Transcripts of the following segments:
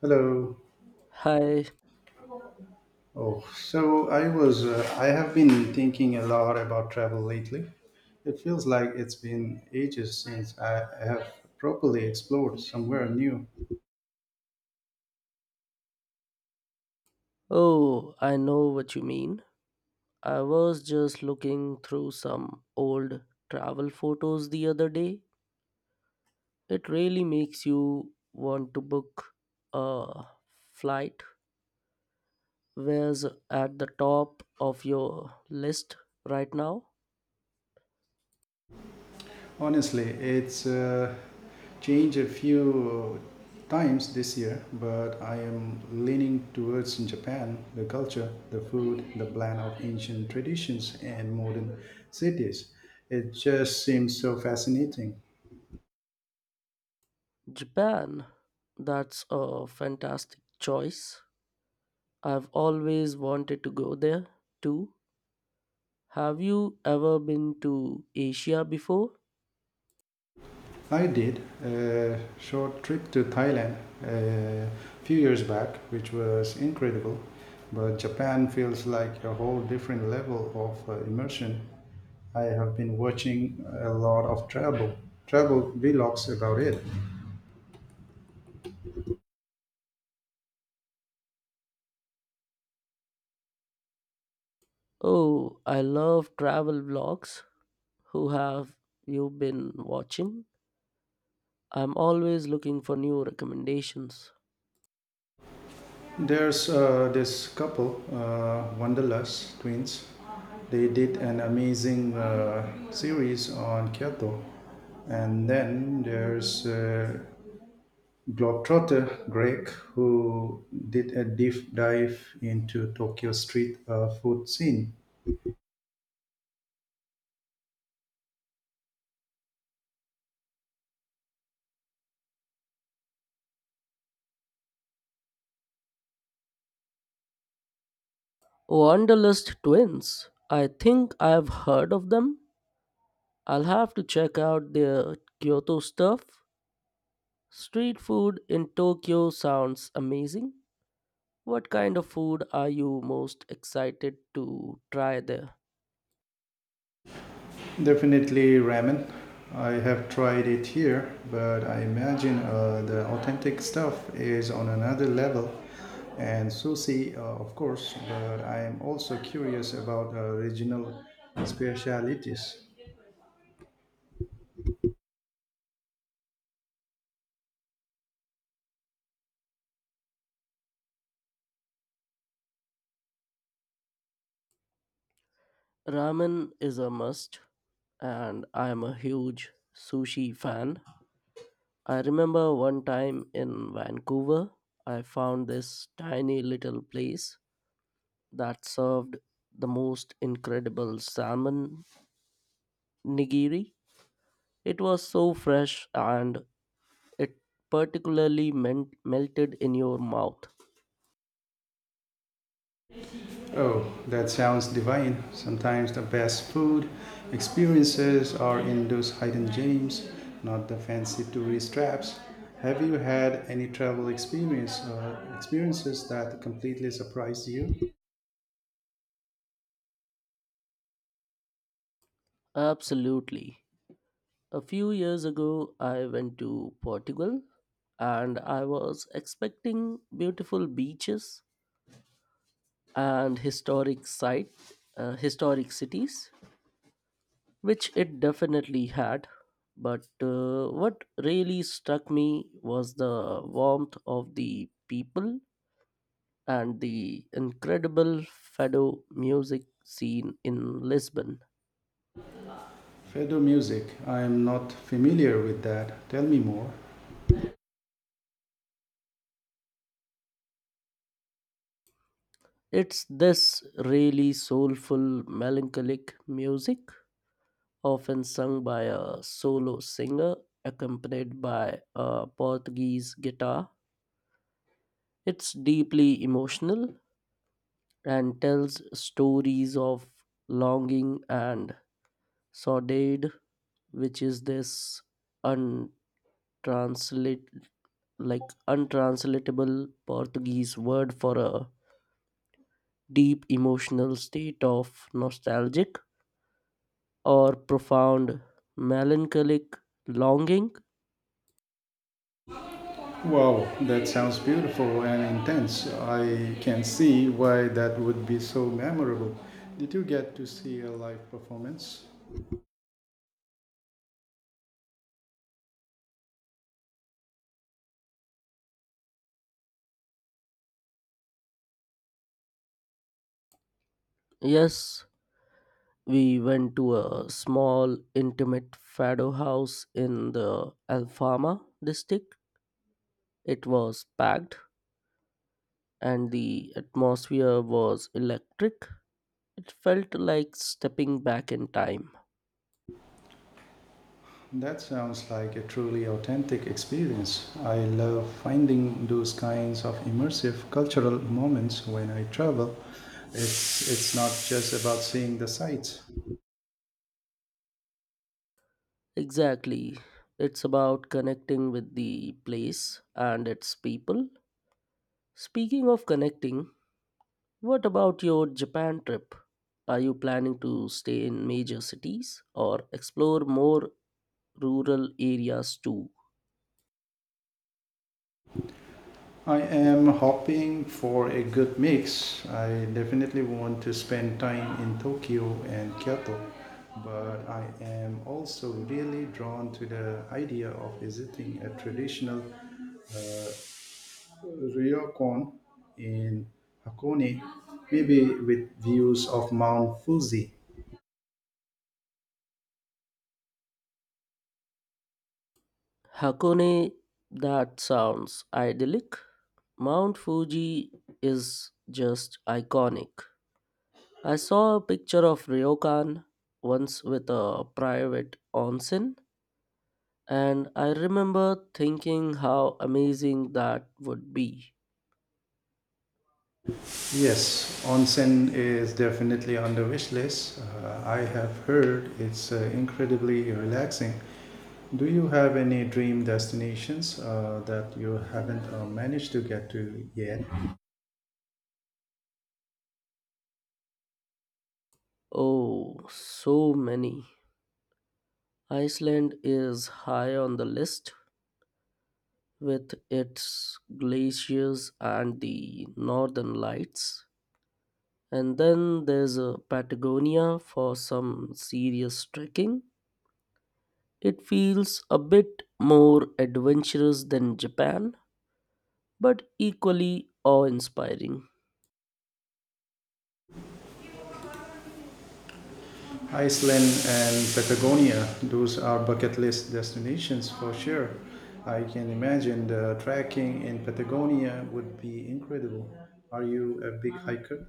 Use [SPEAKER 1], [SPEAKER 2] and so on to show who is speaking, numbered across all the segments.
[SPEAKER 1] Hello.
[SPEAKER 2] Hi.
[SPEAKER 1] Oh, so I was, I have been thinking a lot about travel lately. It feels like it's been ages since I have properly explored somewhere new.
[SPEAKER 2] Oh, I know what you mean. I was just looking through some old travel photos the other day. It really makes you want to book a flight. Where's at the top of your list right now?
[SPEAKER 1] Honestly, it's changed a few times this year, but I am leaning towards Japan, the culture, the food, the blend of ancient traditions and modern cities. It just seems so fascinating.
[SPEAKER 2] Japan. That's a fantastic choice. I've always wanted to go there too. Have you ever been to Asia before?
[SPEAKER 1] I did a short trip to Thailand a few years back, which was incredible. But Japan feels like a whole different level of immersion. I have been watching a lot of travel vlogs about it.
[SPEAKER 2] Oh, I love travel vlogs. Who have you been watching? I'm always looking for new recommendations.
[SPEAKER 1] There's this couple, Wanderlust Twins. They did an amazing series on Kyoto, and then there's Globetrotter Greg, who did a deep dive into Tokyo street food scene.
[SPEAKER 2] Wanderlust Twins. I think I've heard of them. I'll have to check out their Kyoto stuff. Street food in Tokyo sounds amazing. What kind of food are you most excited to try there?
[SPEAKER 1] Definitely ramen. I have tried it here, but I imagine the authentic stuff is on another level. And sushi, of course, but I am also curious about regional specialities.
[SPEAKER 2] Ramen is a must, and I'm a huge sushi fan. I remember one time in Vancouver, I found this tiny little place that served the most incredible salmon nigiri. It was so fresh and it particularly meant melted in your mouth.
[SPEAKER 1] Oh, that sounds divine. Sometimes the best food experiences are in those hidden gems, not the fancy tourist traps. Have you had any travel experience experiences that completely surprised you?
[SPEAKER 2] Absolutely. A few years ago, I went to Portugal and I was expecting beautiful beaches and historic site, historic cities which it definitely had. But what really struck me was the warmth of the people and the incredible fado music scene in Lisbon.
[SPEAKER 1] Fado music. I am not familiar with that. Tell me more.
[SPEAKER 2] It's this really soulful, melancholic music, often sung by a solo singer accompanied by a Portuguese guitar. It's deeply emotional and tells stories of longing and sordid, which is this untranslate like untranslatable Portuguese word for a deep emotional state of nostalgic or profound melancholic longing.
[SPEAKER 1] Wow, that sounds beautiful and intense. I can see why that would be so memorable. Did you get to see a live performance?
[SPEAKER 2] Yes, we went to a small intimate fado house in the Alfama district. It was packed and the atmosphere was electric. It felt like stepping back in time.
[SPEAKER 1] That sounds like a truly authentic experience. I love finding those kinds of immersive cultural moments when I travel. It's not just about seeing the sights.
[SPEAKER 2] Exactly. It's about connecting with the place and its people. Speaking of connecting, what about your Japan trip? Are you planning to stay in major cities or explore more rural areas too?
[SPEAKER 1] I am hoping for a good mix. I definitely want to spend time in Tokyo and Kyoto, but I am also really drawn to the idea of visiting a traditional uh, Ryokon in Hakone, maybe with views of Mount Fuji.
[SPEAKER 2] Hakone, that sounds idyllic. Mount Fuji is just iconic. I saw a picture of Ryokan once with a private onsen, and I remember thinking how amazing that would be.
[SPEAKER 1] Yes, onsen is definitely on the wish list. I have heard it's incredibly relaxing. Do you have any dream destinations that you haven't managed to get to yet?
[SPEAKER 2] Oh, so many. Iceland is high on the list with its glaciers and the northern lights. And then there's a Patagonia for some serious trekking. It feels a bit more adventurous than Japan but equally awe inspiring.
[SPEAKER 1] Iceland and Patagonia, those are bucket list destinations for sure. I can imagine the trekking in Patagonia would be incredible. Are you a big hiker?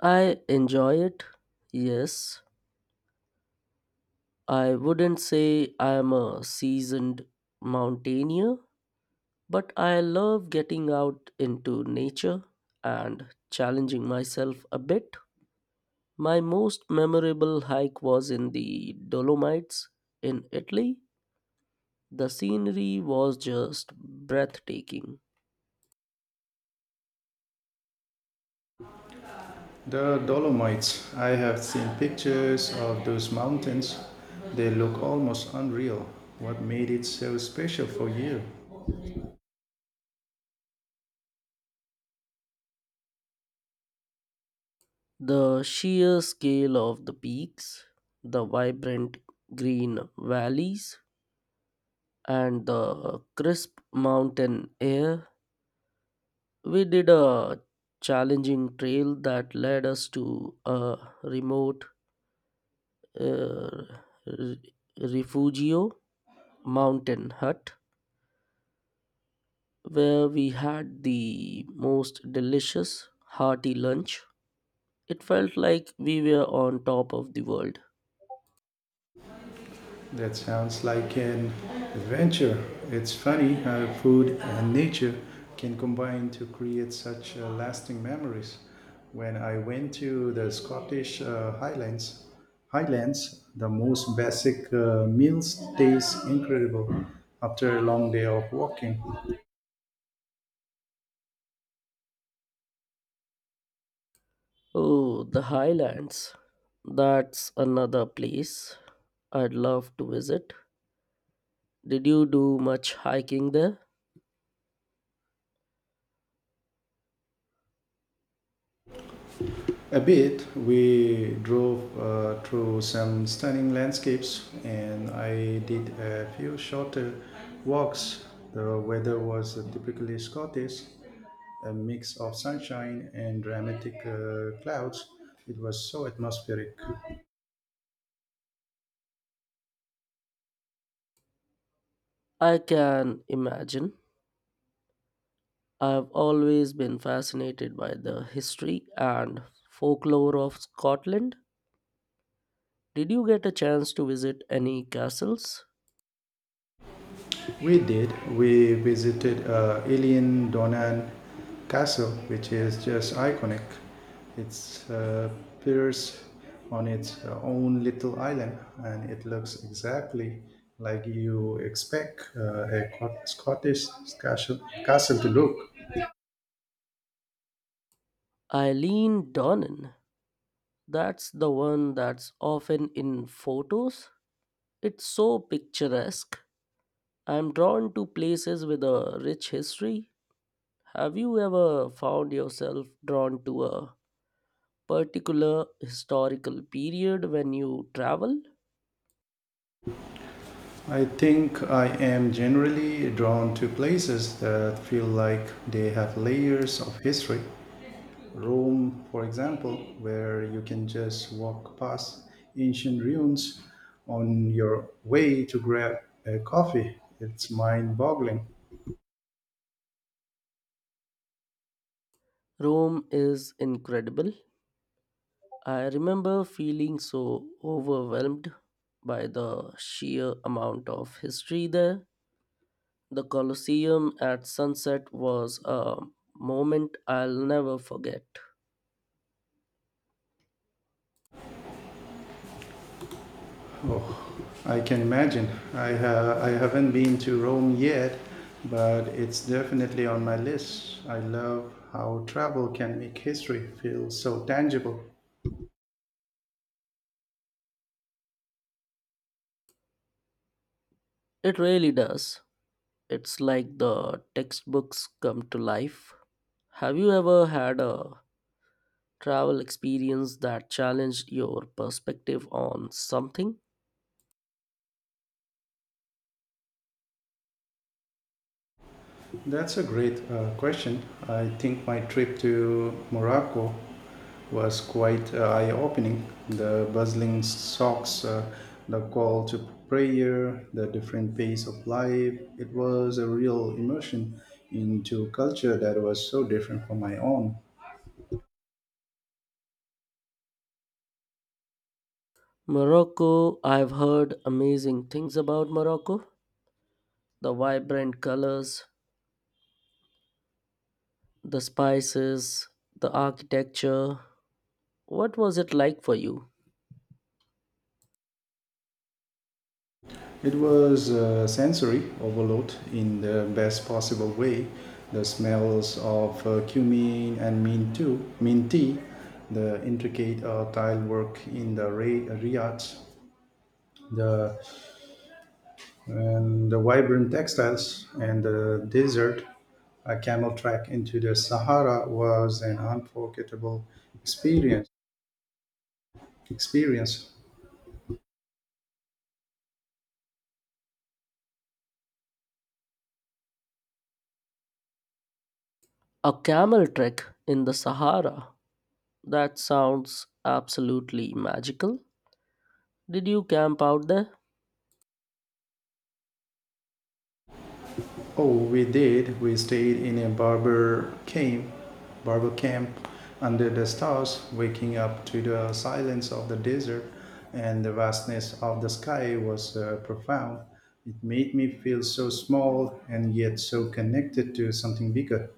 [SPEAKER 2] I enjoy it, yes. I wouldn't say I am a seasoned mountaineer, but I love getting out into nature and challenging myself a bit. My most memorable hike was in the Dolomites in Italy. The scenery was just breathtaking.
[SPEAKER 1] The Dolomites. I have seen pictures of those mountains. They look almost unreal. What made it so special for you?
[SPEAKER 2] The sheer scale of the peaks, the vibrant green valleys, and the crisp mountain air. We did a challenging trail that led us to a remote uh, re- refugio mountain hut where we had the most delicious, hearty lunch. It felt like we were on top of the world.
[SPEAKER 1] That sounds like an adventure. It's funny how food and nature can combine to create such lasting memories. When I went to the Scottish Highlands, the most basic meals taste incredible after a long day of walking.
[SPEAKER 2] Oh, the highlands. That's another place I'd love to visit. Did you do much hiking there?
[SPEAKER 1] A bit. We drove through some stunning landscapes and I did a few shorter walks. The weather was typically Scottish, a mix of sunshine and dramatic clouds. It was so atmospheric.
[SPEAKER 2] I can imagine. I've always been fascinated by the history and folklore of Scotland. Did you get a chance to visit any castles?
[SPEAKER 1] We did. We visited Alien Donan Castle, which is just iconic. It's appears on its own little island, and it looks exactly like you expect a Scottish castle to look.
[SPEAKER 2] Eileen Donnan, that's the one that's often in photos. It's so picturesque. I'm drawn to places with a rich history. Have you ever found yourself drawn to a particular historical period when you travel?
[SPEAKER 1] I think I am generally drawn to places that feel like they have layers of history. Rome, for example, where you can just walk past ancient ruins on your way to grab a coffee. It's mind-boggling.
[SPEAKER 2] Rome is incredible. I remember feeling so overwhelmed by the sheer amount of history there. The Colosseum at sunset was a moment I'll never forget.
[SPEAKER 1] Oh, I can imagine. I haven't been to Rome yet, but it's definitely on my list. I love how travel can make history feel so tangible.
[SPEAKER 2] It really does. It's like the textbooks come to life. Have you ever had a travel experience that challenged your perspective on something?
[SPEAKER 1] That's a great question. I think my trip to Morocco was quite eye-opening. The bustling socks, the call to prayer, the different pace of life. It was a real immersion into culture that was so different from my own.
[SPEAKER 2] Morocco, I've heard amazing things about Morocco. The vibrant colors, the spices, the architecture. What was it like for you?
[SPEAKER 1] It was sensory overload in the best possible way. The smells of cumin and mint too, mint tea, the intricate tile work in the Riyadh, the and the vibrant textiles and the desert. A camel trek into the Sahara was an unforgettable experience. experience.
[SPEAKER 2] A camel trek in the Sahara. That sounds absolutely magical. Did you camp out there?
[SPEAKER 1] Oh, we did. We stayed in a barber camp under the stars, waking up to the silence of the desert and the vastness of the sky was profound. It made me feel so small and yet so connected to something bigger.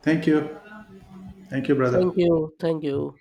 [SPEAKER 1] Thank you. Thank you,
[SPEAKER 2] Thank
[SPEAKER 1] brother.
[SPEAKER 2] you. Thank you.